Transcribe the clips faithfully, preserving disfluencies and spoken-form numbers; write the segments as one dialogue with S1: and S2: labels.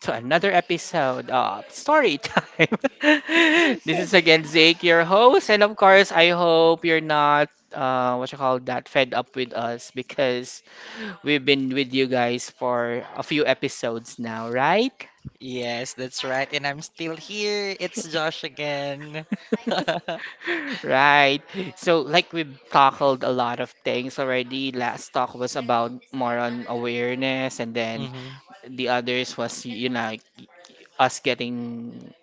S1: to another episode of Story Time. This is again Zake, your host, and of course, I hope you're not uh, what you call that fed up with us because we've been with you guys for a few episodes now, right?
S2: Yes, that's right. And I'm still here. It's Josh again.
S1: Right. So, like, we've tackled a lot of things already. Last talk was about more on awareness, and then
S2: hmm
S1: the others was, you know, like, us getting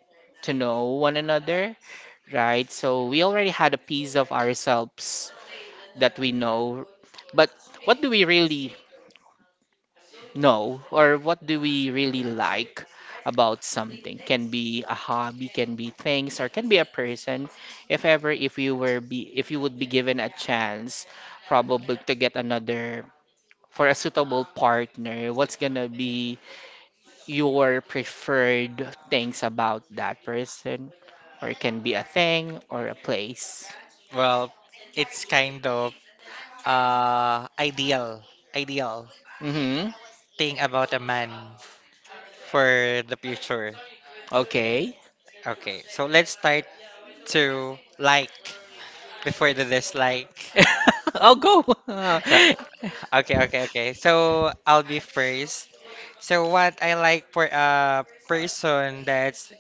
S1: to know one another, right? So we already had a piece of ourselves that we know, but what do we really know or what do we really like about something? Can be a hobby, can be things, or can be a person. If ever if you were be if you would be given a chance probably to get another for a suitable partner, what's gonna be your preferred things about that person, or it can be a thing or a place.
S2: Well, it's kind of uh ideal, ideal
S1: Mm-hmm.
S2: thing about a man for the future.
S1: Okay.
S2: Okay, so let's start to like before the dislike.
S1: I'll go.
S2: So, okay, okay, okay. So I'll be first. So what I like for a person that's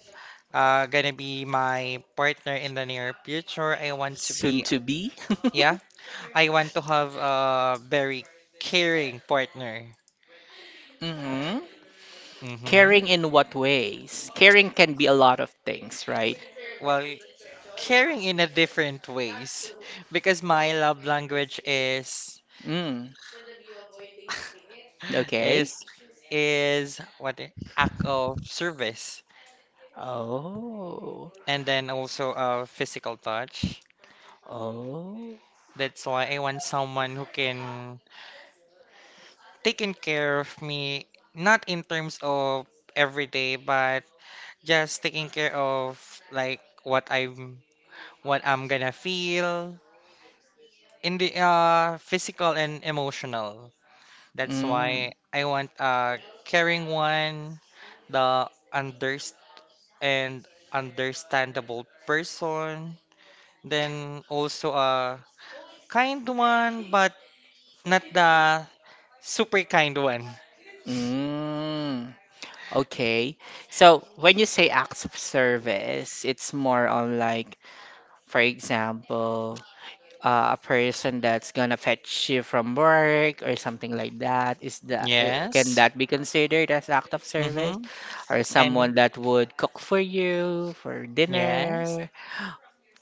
S2: uh, gonna be my partner in the near future. I want to
S1: Soon
S2: be,
S1: to be.
S2: yeah, I want to have a very caring partner.
S1: Mm-hmm.
S2: Mm-hmm.
S1: Caring in what ways? Caring can be a lot of things, right?
S2: Well, caring in a different ways because my love language is
S1: Mm. Okay.
S2: is is what i- act of service
S1: Oh.
S2: and then also a physical touch.
S1: Oh.
S2: That's why I want someone who can taking care of me, not in terms of every day, but just taking care of like what I'm what I'm gonna feel in the uh physical and emotional. That's why
S1: Mm.
S2: I want a caring one, the underst and understandable person, then also a kind one but not the super kind one.
S1: Mm. Okay. So when you say acts of service, it's more on like for example, uh, a person that's gonna fetch you from work or something like that, is that uh, can
S2: Yes.
S1: that be considered as act of service?
S2: Mm-hmm.
S1: Or
S2: And
S1: someone that would cook for you for
S2: yes.
S1: dinner?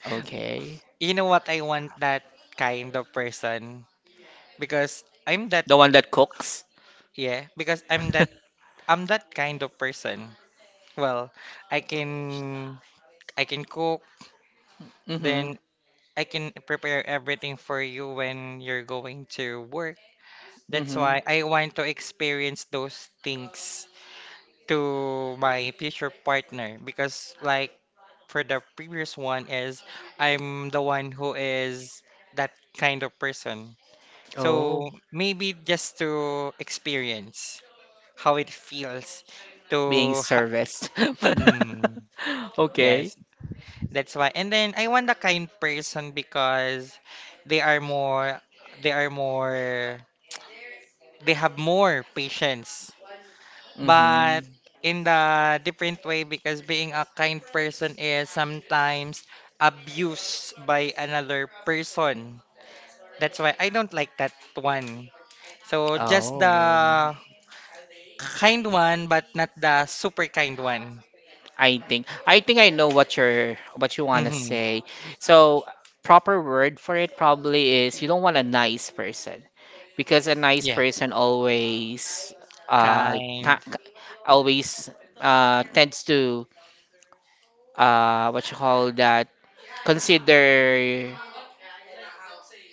S1: Okay.
S2: You know what I want that kind of person because I'm that
S1: The one that cooks?
S2: yeah, because I'm that I'm that kind of person. Well, I can I can cook,
S1: Mm-hmm.
S2: then I can prepare everything for you when you're going to work. That's
S1: Mm-hmm.
S2: why I want to experience those things to my future partner because like for the previous one is I'm the one who is that kind of person.
S1: Oh,
S2: So maybe just to experience. How it feels to
S1: being
S2: ha
S1: serviced.
S2: mm,
S1: Okay.
S2: yes, that's why. And then I want a kind person because they are more they are more they have more patience
S1: Mm-hmm.
S2: but in the different way because being a kind person is sometimes abused by another person. That's why I don't like that one, so just
S1: Oh.
S2: the kind one but not the super kind one.
S1: I think I think I know what you're what you want to
S2: Mm-hmm.
S1: say. So proper word for it probably is you don't want a nice person because a nice
S2: Yes.
S1: person always uh
S2: Kind.
S1: ta- always uh tends to uh what you call that consider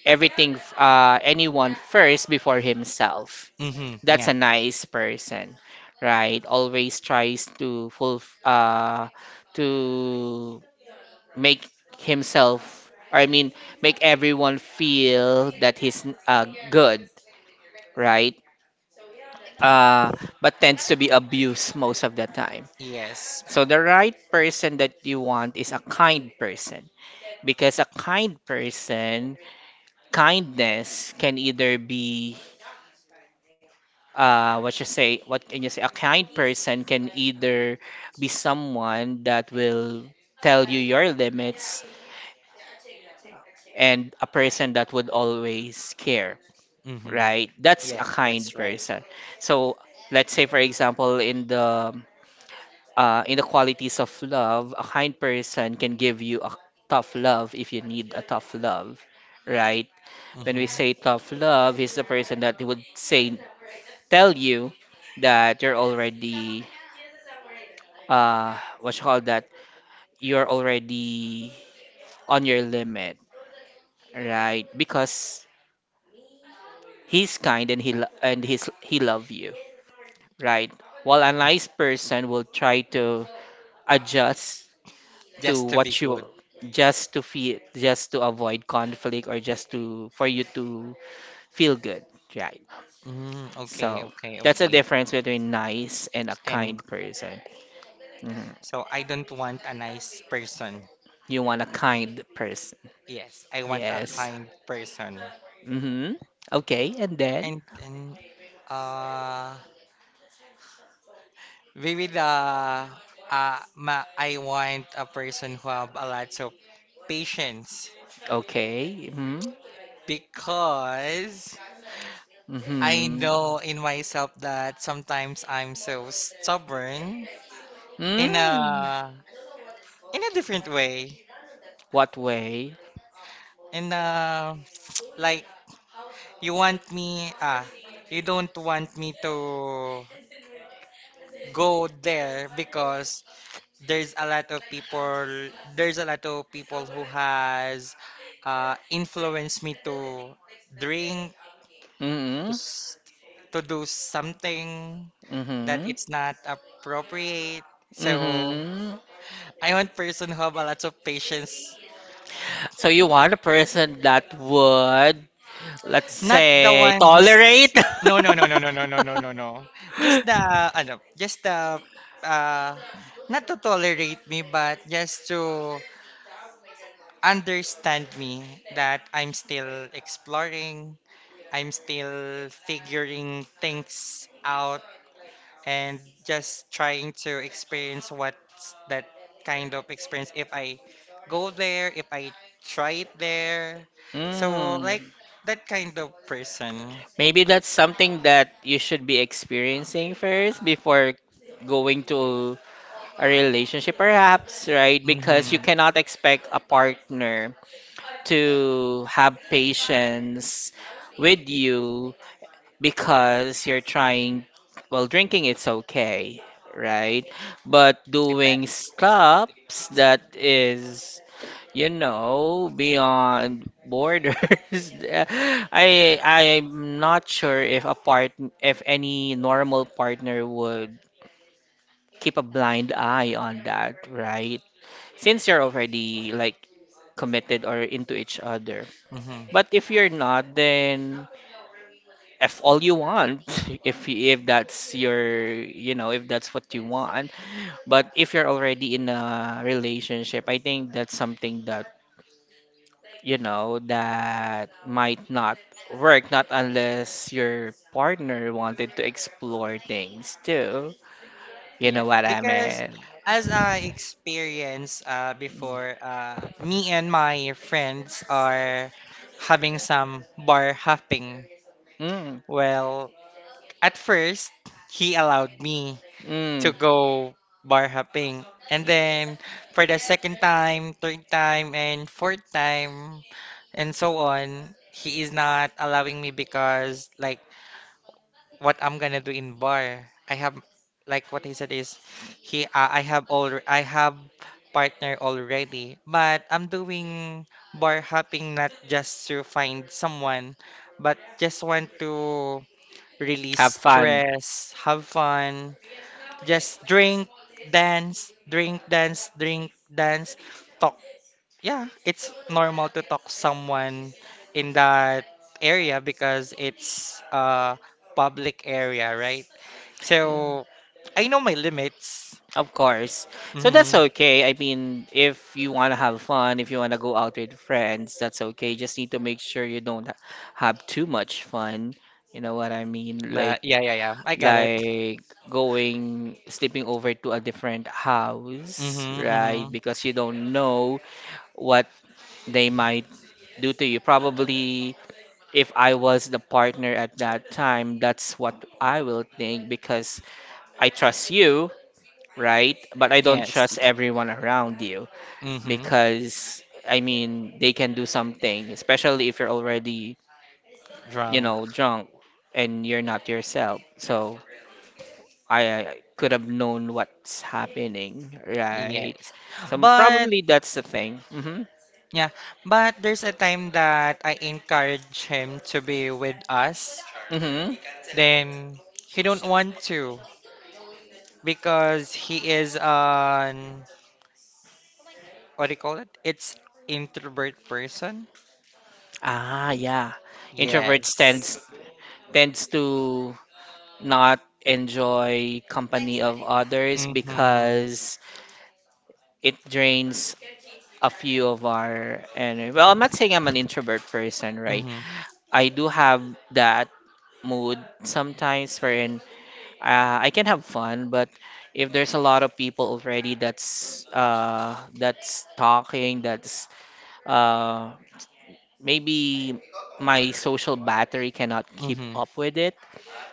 S1: everything f- uh anyone first before himself.
S2: Mm-hmm.
S1: That's
S2: Yeah.
S1: a nice person, right? Always tries to full uh to make himself, or I mean, make everyone feel that he's uh, good, right? Uh, but tends to be abused most of the time.
S2: Yes.
S1: So the right person that you want is a kind person because a kind person, kindness can either be uh what you say what can you say a kind person can either be someone that will tell you your limits and a person that would always care,
S2: Mm-hmm.
S1: right? That's a
S2: Yeah,
S1: kind
S2: that's right.
S1: person. So let's say, for example, in the uh, in the qualities of love, a kind person can give you a tough love if you need a tough love, right? When
S2: Mm-hmm.
S1: we say tough love, he's the person that would say tell you that you're already uh what you call that you're already on your limit, right? Because he's kind and he lo- and he's he love you, right? While a nice person will try to adjust to
S2: Just to be
S1: what
S2: good.
S1: you just to feel, just to avoid conflict, or just to for you to feel good, right?
S2: Mm. Okay,
S1: So
S2: okay,
S1: that's the
S2: okay.
S1: difference between nice and a
S2: And
S1: kind person. Mhm.
S2: so I don't want a nice person.
S1: You want a kind person.
S2: Yes, I want a
S1: Yes.
S2: kind person.
S1: Mm-hmm. Okay, and then
S2: And and uh maybe the uh ma I want a person who have a lot of patience
S1: okay. Mm-hmm.
S2: because I
S1: Mm-hmm.
S2: know in myself that sometimes I'm so stubborn in
S1: Mm.
S2: a in a different way.
S1: What way?
S2: In a Like, you want me ah you don't want me to go there because there's a lot of people there's a lot of people who has uh, influenced me to drink, to,
S1: Mm-hmm.
S2: s- to do something that
S1: Mm-hmm.
S2: it's not appropriate. So
S1: Mm-hmm.
S2: I want person who have a lot of patience.
S1: So you want a person that would, let's
S2: Not the
S1: say,
S2: one who's
S1: tolerate?
S2: no, no, no, no, no, no, no, no, no, no. Just the ano, just the uh Not to tolerate me but just to understand me, that I'm still exploring, I'm still figuring things out, and just trying to experience what's that kind of experience if I go there, if I try it there. So
S1: Hmm.
S2: like that kind of person.
S1: Maybe that's something that you should be experiencing first before going to a relationship, perhaps, right? Because you
S2: Mm-hmm.
S1: cannot expect a partner to have patience with you because you're trying, well, drinking it's okay, right? But doing
S2: Depends. It
S1: stops
S2: depends.
S1: that is, you know, beyond borders. I I'm not sure if a part if any normal partner would keep a blind eye on that, right? Since you're already like committed or into each other.
S2: Mm-hmm.
S1: But if you're not, then if all you want if y- if that's your, you know, if that's what you want, but if you're already in a relationship, I think that's something that, you know, that might not work, not unless your partner wanted to explore things too. You know
S2: Yeah,
S1: what I
S2: because
S1: mean?
S2: as I experienced uh, before, uh, me and my friends are having some bar hopping.
S1: Mm,
S2: Well, at first, he allowed me to
S1: mm.
S2: go bar hopping. And then for the second time, third time, and fourth time, and so on, he is not allowing me because like what I'm gonna do in bar, I have like what he said is he, uh, I have all I have partner already, but I'm doing bar hopping not just to find someone, but just want to
S1: Have
S2: release
S1: fun.
S2: stress, have fun, just drink, dance, drink, dance, drink, dance, talk. Yeah, it's normal to talk someone in that area because it's a public area, right? So I know my limits.
S1: Of course. So that's
S2: Mm-hmm.
S1: okay. I mean, if you want to have fun, if you want to go out with friends, that's okay. Just need to make sure you don't ha- have too much fun. You know what I mean?
S2: La,
S1: Like
S2: yeah, yeah, yeah. I got it.
S1: like going sleeping over to a different house,
S2: Mm-hmm,
S1: right?
S2: mm-hmm.
S1: Because you don't know what they might do to you. Probably if I was the partner at that time, that's what I will think because I trust you, right? But I don't
S2: Yes.
S1: trust everyone around you
S2: Mm-hmm.
S1: because I mean they can do something, especially if you're already, you
S2: Drunk.
S1: know, drunk and you're not yourself. So I, I could have known what's happening, right?
S2: Yes.
S1: So
S2: But
S1: probably that's the thing. Hmm.
S2: yeah, but there's a time that I encourage him to be with us.
S1: Hmm.
S2: Then he don't want to because he is an, what do you call it? It's introvert person.
S1: Ah, yeah. Introverts tends
S2: Yes.
S1: tends to not enjoy company of others
S2: Mm-hmm.
S1: because it drains a few of our, and well, I'm not saying I'm an introvert person, right?
S2: Mm-hmm.
S1: I do have that mood sometimes wherein uh, I can have fun, but if there's a lot of people already that's uh that's talking that's uh maybe my social battery cannot keep
S2: Mm-hmm.
S1: up with it.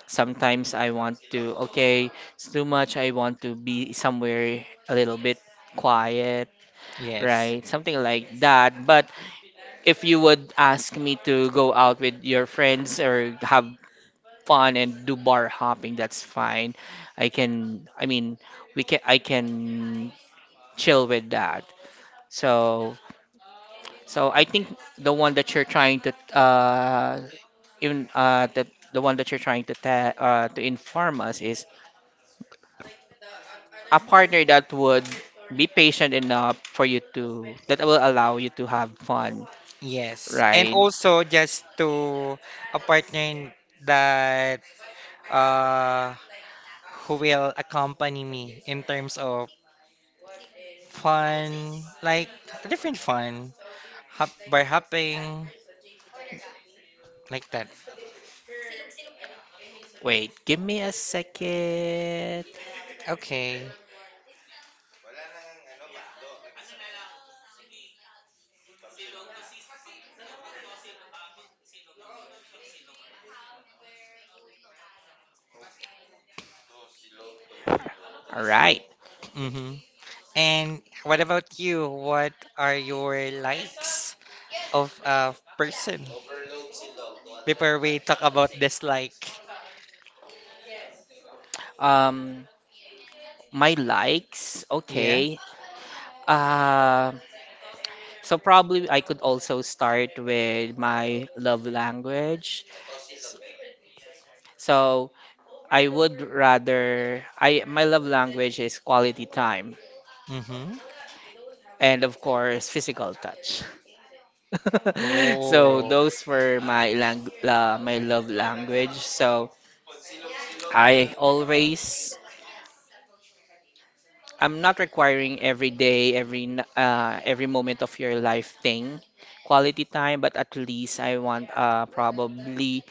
S1: Sometimes I want to, okay, it's too much, I want to be somewhere a little bit quiet,
S2: Yes.
S1: right? Something like that. But if you would ask me to go out with your friends or have fun and do bar hopping, that's fine. I can, I mean, we can, I can chill with that. So, so I think the one that you're trying to, uh, even uh, that the one that you're trying to te- uh, to inform us is a partner that would be patient enough for you to that will allow you to have fun,
S2: Yes. And
S1: right?
S2: also just to a partner that uh who will accompany me in terms of fun, like different fun, hop, bar hopping, like that.
S1: Wait, give me a second.
S2: Okay.
S1: All right.
S2: Mm-hmm. And what about you? What are your likes of a person before we talk about dislike?
S1: Um, my likes.
S2: Yeah.
S1: Okay. Uh, so probably I could also start with my love language. So I would rather I my love language is quality time
S2: Mm-hmm.
S1: and of course physical touch. So
S2: Oh.
S1: those were my lang la, my love language. So I always, I'm not requiring every day, every n- uh, every moment of your life thing, quality time. But at least I want uh, probably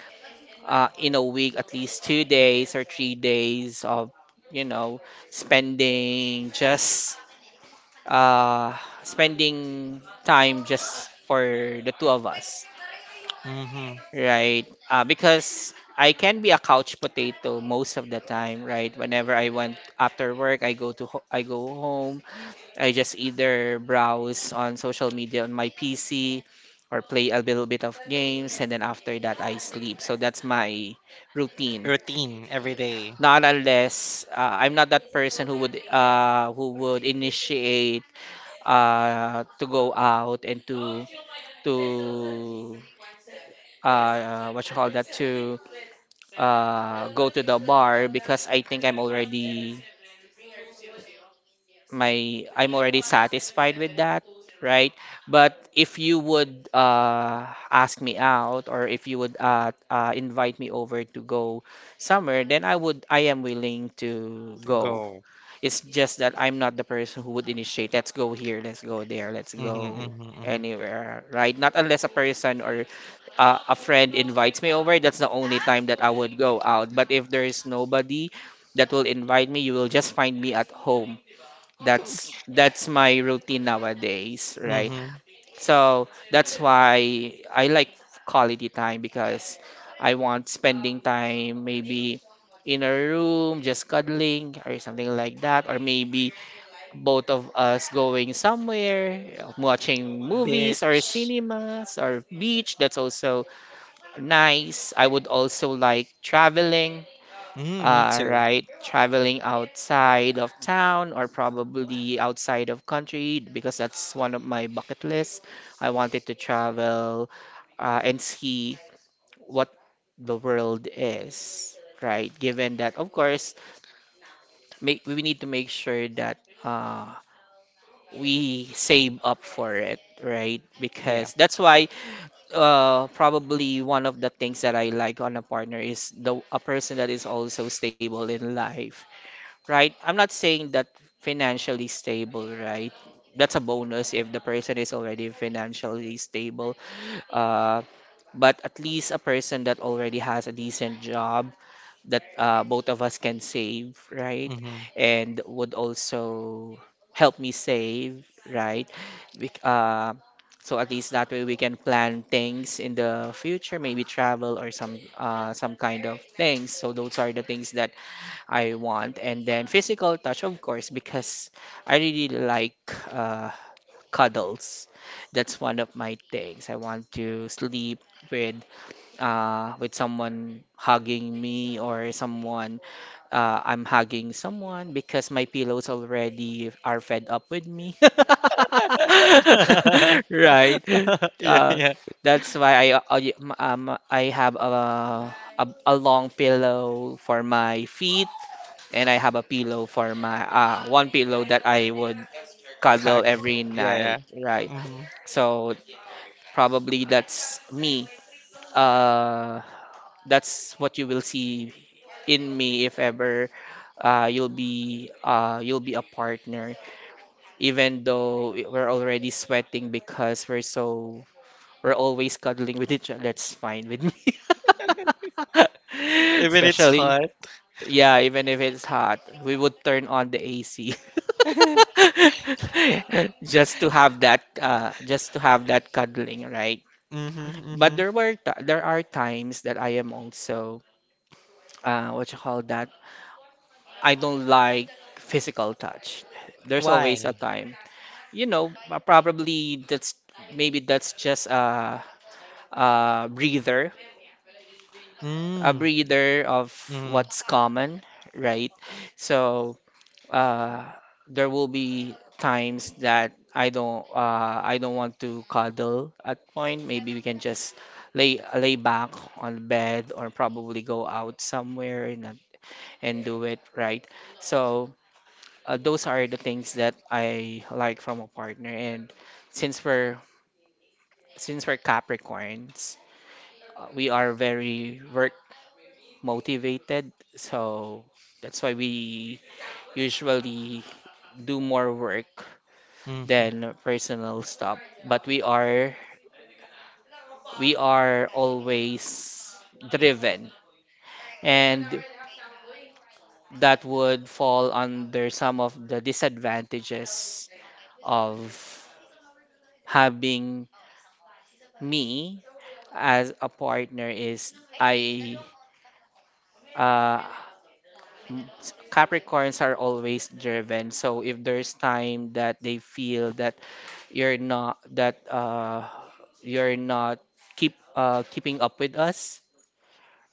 S1: uh, in a week at least two days or three days of, you know, spending just uh, spending time just for the two of us,
S2: Mm-hmm.
S1: right? Uh, because I can be a couch potato most of the time, right? Whenever I went after work, I go to ho- I go home. I just either browse on social media on my P C or play a little bit of games, and then after that, I sleep. So that's my routine.
S2: Routine every day.
S1: Not unless uh, I'm not that person who would uh, who would initiate uh, to go out and to to uh, what you call that to uh, go to the bar because I think I'm already my I'm already satisfied with that, right? But if you would uh, ask me out or if you would uh, uh, invite me over to go somewhere, then I would I am willing to go.
S2: Go.
S1: It's just that I'm not the person who would initiate, let's go here, let's go there, let's
S2: Mm-hmm.
S1: go
S2: Mm-hmm. Mm-hmm.
S1: anywhere, right? Not unless a person or uh, a friend invites me over, that's the only time that I would go out. But if there is nobody that will invite me, you will just find me at home. That's that's my routine nowadays, right?
S2: Mm-hmm.
S1: So that's why I like quality time because I want spending time maybe in a room just cuddling or something like that, or maybe both of us going somewhere watching movies or
S2: Bitch.
S1: cinemas or beach. That's also nice. I would also like traveling,
S2: Mm, me
S1: uh,
S2: too.
S1: right? Traveling outside of town or probably outside of country because that's one of my bucket lists. I wanted to travel uh, and see what the world is, right? Given that, of course, make, we need to make sure that uh, we save up for it, right?
S2: Yeah.
S1: Because that's why uh, probably one of the things that I like on a partner is the a person that is also stable in life, right? I'm not saying that financially stable, right? That's a bonus if the person is already financially stable. Uh, but at least a person that already has a decent job that uh, both of us can save, right?
S2: Mm-hmm.
S1: And would also help me save, right? We, uh, so at least that way we can plan things in the future, maybe travel or some uh, some kind of things. So those are the things that I want, and then physical touch, of course, because I really like uh, cuddles. That's one of my things. I want to sleep with uh, with someone hugging me or someone uh, I'm hugging someone because my pillows already are fed up with me. Right.
S2: Yeah,
S1: Uh,
S2: yeah.
S1: that's why I uh, um I have a, a a long pillow for my feet and I have a pillow for my uh, one pillow that I would cuddle
S2: Cag.
S1: every
S2: Yeah, yeah.
S1: night, right?
S2: Mm-hmm.
S1: So probably that's me. Uh, that's what you will see in me if ever uh, you'll be uh, you'll be a partner. Even though we're already sweating because we're so we're always cuddling with each other, that's fine with me.
S2: Even it's
S1: Especially
S2: hot.
S1: Yeah, even if it's hot, we would turn on the A C. Just to have that uh just to have that cuddling, right?
S2: Mm-hmm.
S1: But
S2: Mm-hmm.
S1: there were t there are times that I am also uh what you call that? I don't like physical touch. There's always a
S2: Why?
S1: time. You know, uh, probably that's maybe that's just a a breather, a
S2: Mm.
S1: breather of
S2: Mm,
S1: what's common, right? So uh, there will be times that I don't uh, I don't want to cuddle at point. Maybe we can just lay lay back on the bed or probably go out somewhere and uh, and do it right. So uh, those are the things that I like from a partner. And since we're since we're Capricorns, uh, we are very work motivated. So that's why we usually do more work
S2: mm-hmm,
S1: than personal stuff, but we are we are always driven, and that would fall under some of the disadvantages of having me as a partner is i uh, m- Capricorns are always driven. So if there's time that they feel that you're not that uh you're not keep uh keeping up with us,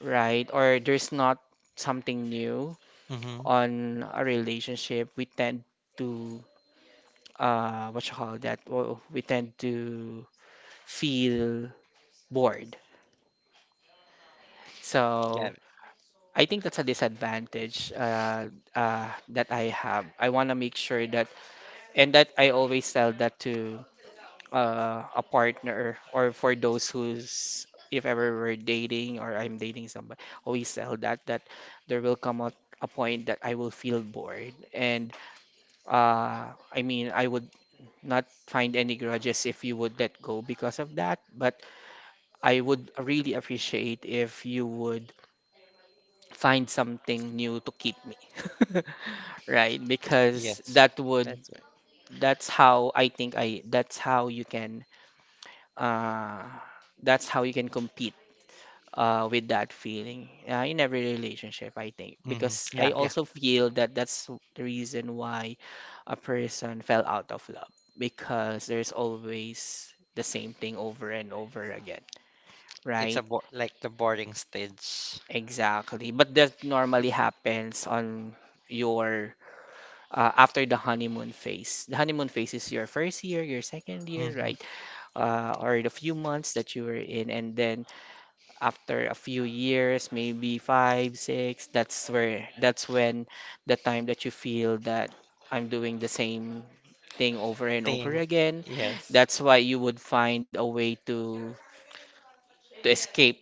S1: right? Or there's not something new
S2: mm-hmm.
S1: on a relationship, we tend to uh what you call that? Well, we tend to feel bored.
S2: Yeah,
S1: So I think that's a disadvantage uh, uh, that I have. I want to make sure that, and that I always tell that to uh, a partner or for those who's if ever we're dating or I'm dating somebody, always tell that that there will come a, a point that I will feel bored. And uh, I mean, I would not find any grudges if you would let go because of that, but I would really appreciate if you would find something new to keep me. Right? Because
S2: yes,
S1: that would
S2: that's
S1: that's how I think I that's how you can uh, that's how you can compete uh, with that feeling uh, in every relationship, I think.
S2: right. Mm-hmm.
S1: Because I
S2: Yeah, yeah.
S1: also feel that that's the reason why a person fell out of love, because there's always the same thing over and over again,
S2: It's
S1: right?
S2: a bo like the boarding stage.
S1: Exactly. But that normally happens on your uh, after the honeymoon phase. The honeymoon phase is your first year, your second year,
S2: Mm-hmm.
S1: right? Uh, or the few months that you were in, and then after a few years, maybe five, six, that's where that's when the time that you feel that I'm doing the same thing over and over
S2: Thing.
S1: again.
S2: Yes,
S1: That's why you would find a way to to escape,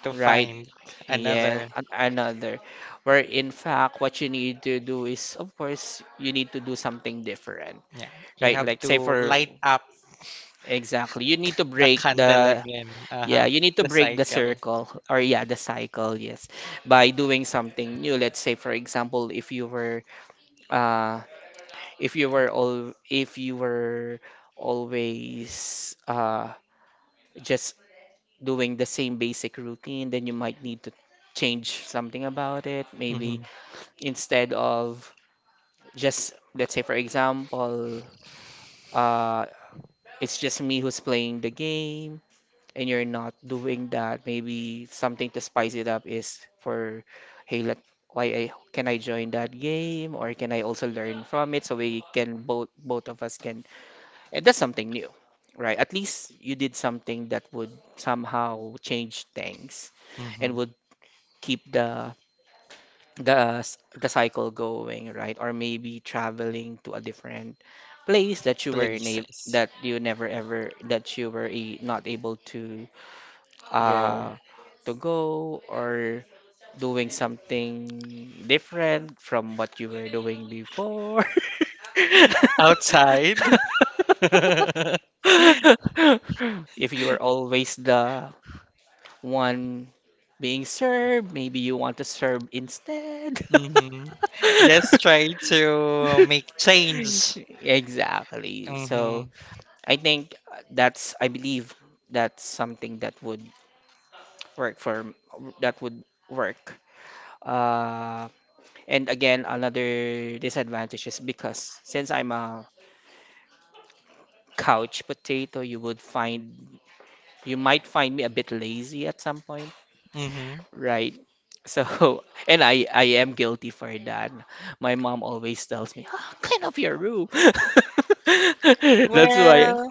S2: to
S1: right?
S2: find
S1: Yes,
S2: another.
S1: an- another. Where in fact, what you need to do is, of course, you need to do something different,
S2: Yeah, you
S1: right?
S2: have
S1: Like
S2: to
S1: say for
S2: light up
S1: Exactly, you need to
S2: the
S1: break
S2: candle
S1: the
S2: again. Uh-huh.
S1: Yeah, you need to
S2: The
S1: break the
S2: cycle.
S1: circle or yeah, the cycle, yes, by doing something new. Let's say for example, if you were uh if you were all if you were always uh just doing the same basic routine, then you might need to change something about it. Maybe
S2: Mm-hmm,
S1: instead of just let's say for example, uh it's just me who's playing the game and you're not doing that, maybe something to spice it up is for, hey, let why I can I join that game or can I also learn from it so we can both both of us can, and that's something new, right? At least you did something that would somehow change things
S2: mm-hmm.
S1: and would keep the the s- the cycle going, right? Or maybe traveling to a different place that you were na
S2: Places.
S1: that you never ever that you were a, not able to
S2: Go
S1: uh, to go, or doing something different from what you were doing before.
S2: outside.
S1: If you are always the one being served, maybe you want to serve instead.
S2: Mm-hmm. Just try to make change.
S1: Exactly.
S2: Mm-hmm.
S1: So I think that's, I believe that's something that would work for that would work. Uh, and again, another disadvantage is because since I'm a couch potato, you would find you might find me a bit lazy at some point,
S2: Mm-hmm.
S1: right? So, and I I am guilty for that. My mom always tells me, "Ah, Clean up your room." That's why.
S2: Well,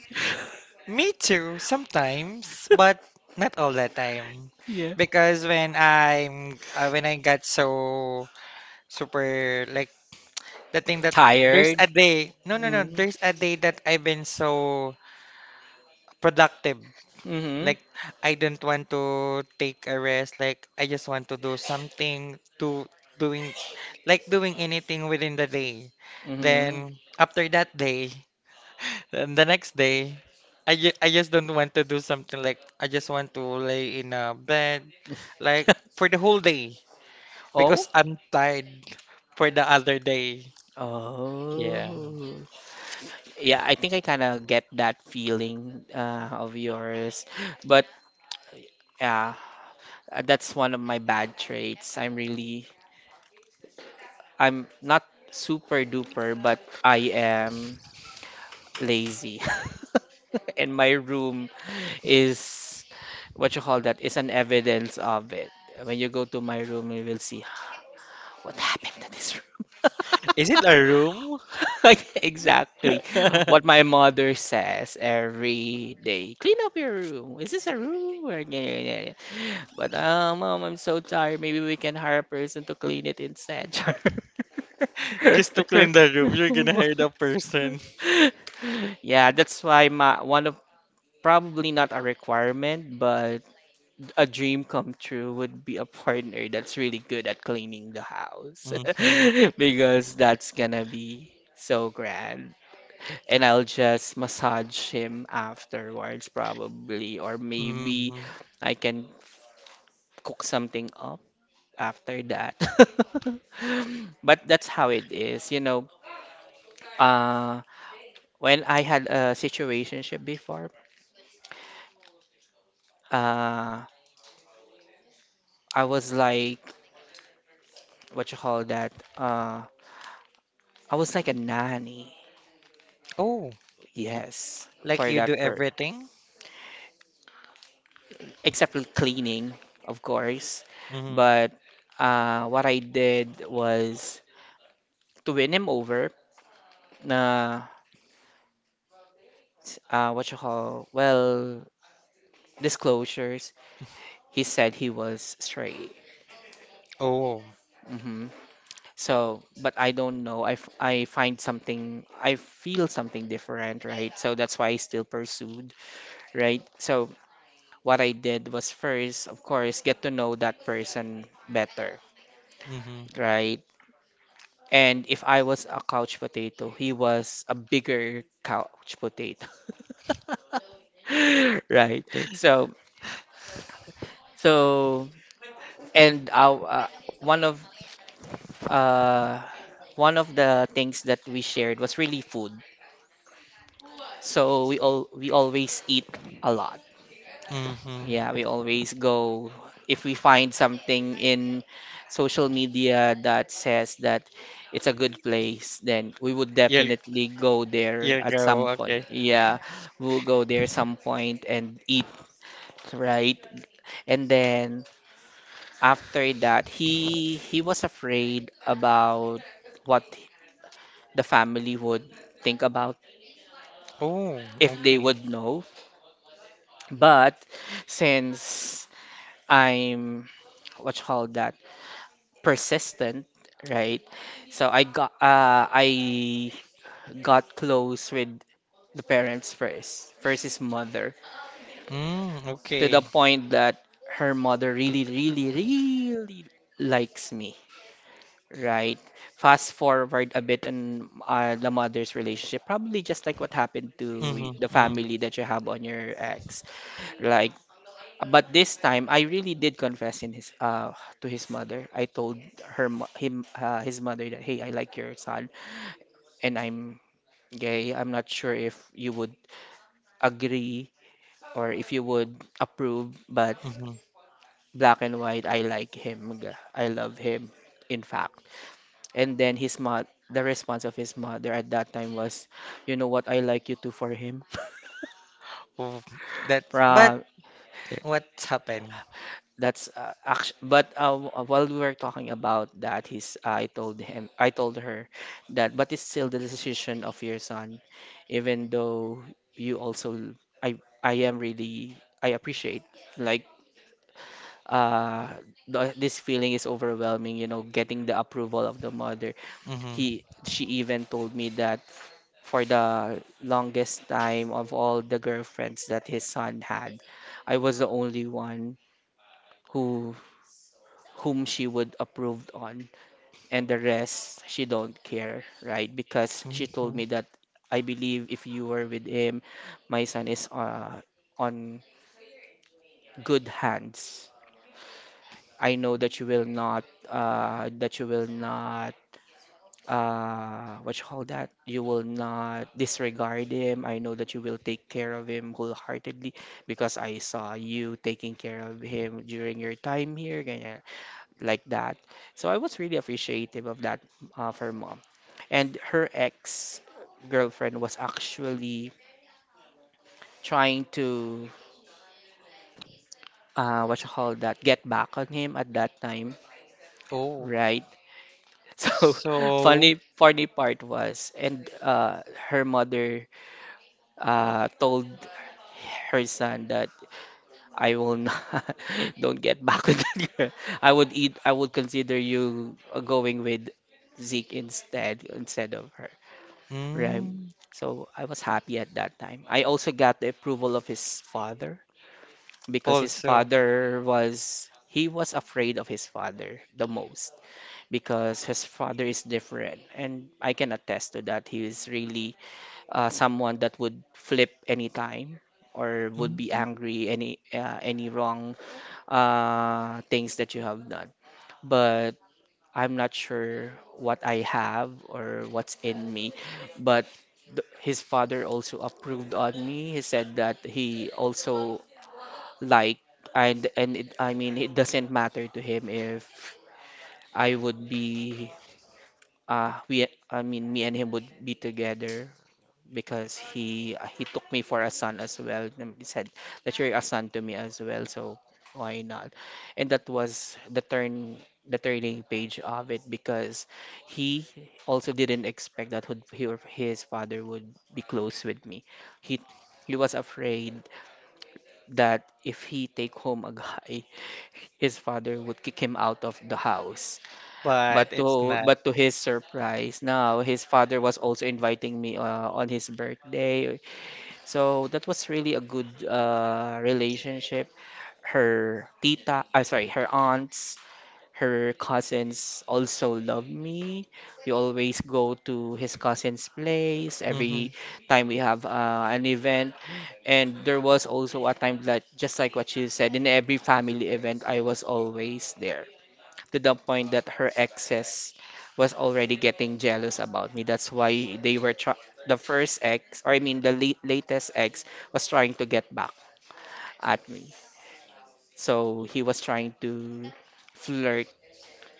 S2: me too, sometimes, but not all the time.
S1: Yeah.
S2: Because when I'm uh, when I got so super like the thing that there's
S1: Tired.
S2: a day. No, no, no.
S1: Mm,
S2: There's a day that I've been so productive.
S1: mm-hmm.
S2: Like I don't want to take a rest. Like I just want to do something to doing like doing anything within the day.
S1: Mm-hmm.
S2: Then after that day, then the next day, I, ju- I just don't want to do something, like I just want to lay in a bed like for the whole day because
S1: Oh.
S2: I'm tired for the other day. Yeah.
S1: Oh. Yeah, I think I kind of get that feeling uh, of yours. But yeah, uh, that's one of my bad traits. I'm really, I'm not super duper, but I am lazy. And my room is what you call that is an evidence of it. When you go to my room, you will see what happened to this room.
S2: Is it a room?
S1: Exactly what my mother says every day. Clean up your room. Is this a room? Or- yeah, yeah, yeah, yeah. But uh, mom, I'm so tired. Maybe we can hire a person to clean it instead.
S2: Just to clean the room, you're gonna hire the person.
S1: Yeah, that's why my one of, probably not a requirement, but a dream come true would be a partner that's really good at cleaning the house,
S2: Mm-hmm.
S1: because that's gonna be so grand, and I'll just massage him afterwards, probably, or maybe
S2: Mm-hmm.
S1: I can cook something up after that. But that's how it is, you know. Uh, when I had a situationship before, uh, I was like, what you call that? Uh, I was like a nanny,
S2: Oh,
S1: yes,
S2: like
S1: for
S2: you do
S1: that per,
S2: everything?
S1: except for cleaning, of course.
S2: Mm-hmm.
S1: But uh, what I did was to win him over. uh, s- uh, what you call, well, disclosures, he said he was straight.
S2: Oh.
S1: Hmm. So, but I don't know. I, f- I find something, I feel something different, right? So that's why I still pursued, right? So what I did was first, of course, get to know that person better,
S2: Mm-hmm.
S1: right? And if I was a couch potato, he was a bigger couch potato, right? So, so And uh, uh, one of uh, one of the things that we shared was really food. So we all we always eat a lot. Yeah,
S2: Mm-hmm.
S1: we always go if we find something in social media that says that it's a good place, then we would
S2: You'll
S1: definitely go there
S2: you'll
S1: at some
S2: go,
S1: point.
S2: okay.
S1: Yeah, we'll go there some point and eat, right? And then after that, he he was afraid about what the family would think about
S2: Oh,
S1: if they
S2: okay.
S1: would know. But since I'm what you call that, persistent, right? So I got uh, I got close with the parents first, first his mother,
S2: Mm,
S1: to
S2: okay.
S1: the point that her mother really really really likes me. Right. Fast forward a bit on uh, the mother's relationship, probably just like what happened to
S2: Mm-hmm.
S1: y- the
S2: Mm.
S1: family that you have on your ex. Like, but this time I really did confess in his uh to his mother. I told her mo- him uh, his mother that, hey, I like your son, and I'm gay. I'm not sure if you would agree or if you would approve, but
S2: Hmm.
S1: black and white, I like him. G- I love him. In fact. And then his mom, the response of his mother at that time was, you know what, I like you too for him.
S2: Oh, that. But
S1: Pra,
S2: what happened?
S1: that's uh, act- but uh, while we were talking about that, he's I told him, I told her that, but it's still the decision of your son, even though you also, I, I am really, I appreciate, like, uh the, this feeling is overwhelming, you know, getting the approval of the mother.
S2: Mm-hmm.
S1: He she even told me that f- for the longest time of all the girlfriends that his son had, I was the only one who whom she would approved on, and the rest she don't care, right? Because she told
S2: Mm-hmm.
S1: me that I believe if you were with him, my son is uh, on good hands. I know that you will not uh, that you will not uh what you call that, you will not disregard him. I know that you will take care of him wholeheartedly, because I saw you taking care of him during your time here, ganyan, like that. So I was really appreciative of that, uh, for mom. And her ex girlfriend was actually trying to uh what you call that, get back on him at that time,
S2: Oh,
S1: right? So
S2: so.
S1: funny funny part was, and uh, her mother uh, told her son that I will not don't get back with that girl. I would eat. I would consider you uh, going with Zeke instead instead of her. Right.
S2: Mm,
S1: So I was happy at that time. I also got the approval of his father, because his
S2: also.
S1: father was he was afraid of his father the most, because his father is different, and I can attest to that. He is really uh, someone that would flip anytime or would be
S2: Hmm.
S1: angry any uh, any wrong uh, things that you have done. But I'm not sure what I have or what's in me. But th- his father also approved on me. He said that he also like and and it, I mean it doesn't matter to him if I would be uh we I mean me and him would be together because he uh, he took me for a son as well. And he said that you're a son to me as well, so why not? And that was the turn the turning page of it because he also didn't expect that would he or his father would be close with me. He he was afraid that if he take home a guy, his father would kick him out of the house.
S2: But
S1: But
S2: it's
S1: to
S2: not.
S1: but to his surprise, now his father was also inviting me uh, on his birthday, so that was really a good uh, relationship. Her tita, uh, sorry, her aunts, her cousins also love me. We always go to his cousin's place
S2: Mm-hmm.
S1: every time we have uh, an event. And there was also a time that, just like what you said, in every family event, I was always there, to the point that her exes was already getting jealous about me. That's why they were try- the first ex, or I mean the late- latest ex was trying to get back at me. So he was trying to flirt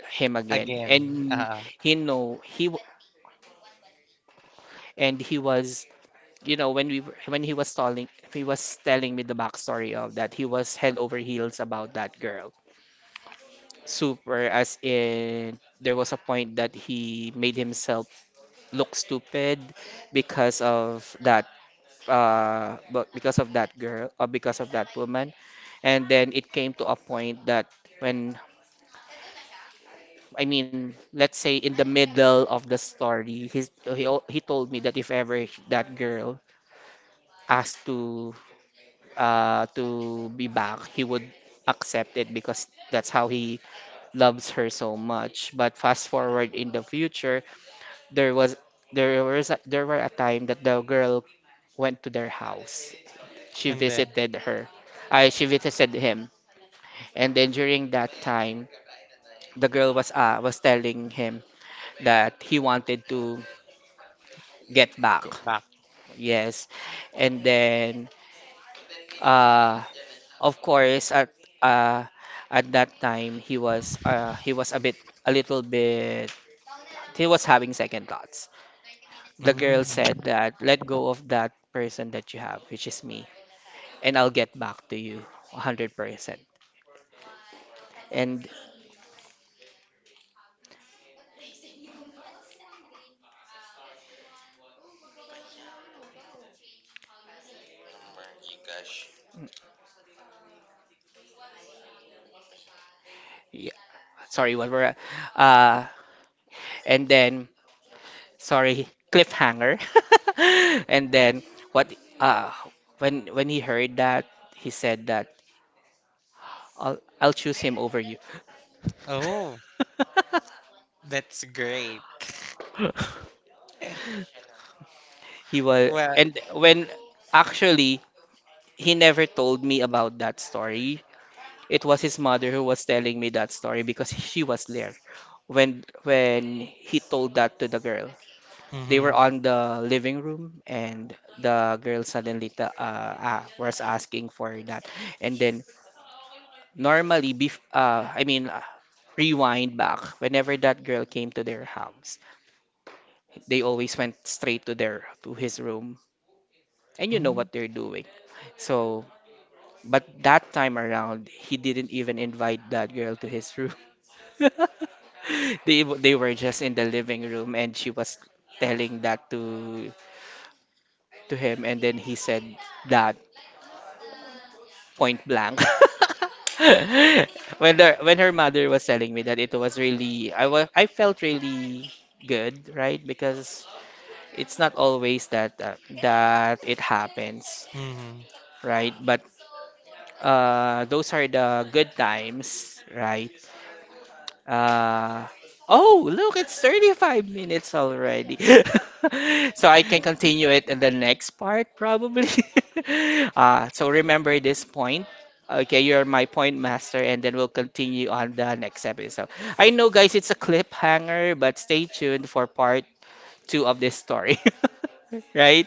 S1: him again,
S2: Again.
S1: and
S2: Uh,
S1: he know he w- and he was you know when we were, when he was telling, he was telling me the backstory of that. He was head over heels about that girl, super, as in there was a point that he made himself look stupid because of that, uh but because of that girl, or because of that woman. And then it came to a point that, when I mean let's say in the middle of the story, he's, he al- he told me that if ever that girl asked to uh to be back, he would accept it because that's how he loves her so much. But fast forward in the future, There was there was a, there were a time that the girl went to their house. She
S2: and then
S1: visited her. I she visited him. And then during that time, the girl was uh, was telling him that he wanted to get back.
S2: go back.
S1: Yes. And then uh of course at uh at that time, he was uh he was a bit, a little bit, he was having second thoughts. The girl said
S2: Mm.
S1: that let go of that person that you have, which is me, and I'll get back to you one hundred percent. And yeah, sorry, what were uh and then sorry, cliffhanger. And then what uh when when he heard that, he said that I'll I'll choose him over you.
S2: Oh, that's great. Eh,
S1: He was
S2: Well.
S1: and when Actually, he never told me about that story. It was his mother who was telling me that story because she was there when when he told that to the girl. They were
S2: Mm-hmm.
S1: on the living room and the girl suddenly ta- uh, ah, was asking for that. And then normally bef- uh, i mean uh, rewind back, whenever that girl came to their house, they always went straight to their to his room, and you know what they're doing. So but that time around, he didn't even invite that girl to his room. They w- they were just in the living room and she was telling that to to him, and then he said that point blank. When her when her mother was telling me that, it was really, I was I felt really good, right? Because it's not always that uh, that it happens,
S2: Mm-hmm.
S1: right? But uh, those are the good times, right? Uh, oh, look, it's thirty-five minutes already. So I can continue it in the next part, probably. uh, so remember this point. Okay, you're my point master, and then we'll continue on the next episode. I know, guys, it's a cliffhanger, but stay tuned for part two of this story. Right?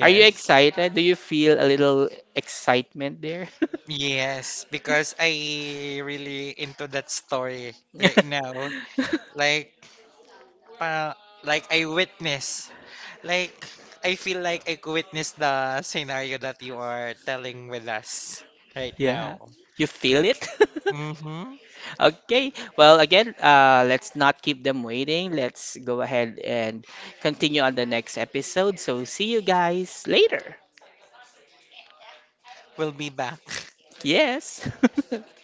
S1: Are you excited? Do you feel a little excitement there?
S2: Yes, because I really into that story right now. Like para like I witness, like I feel like I witness the scenario that you are telling with us right
S1: Yeah.
S2: now.
S1: You feel it?
S2: Mm-hmm.
S1: Okay, well, again, uh, let's not keep them waiting. Let's go ahead and continue on the next episode. So, see you guys later.
S2: We'll be back.
S1: Yes.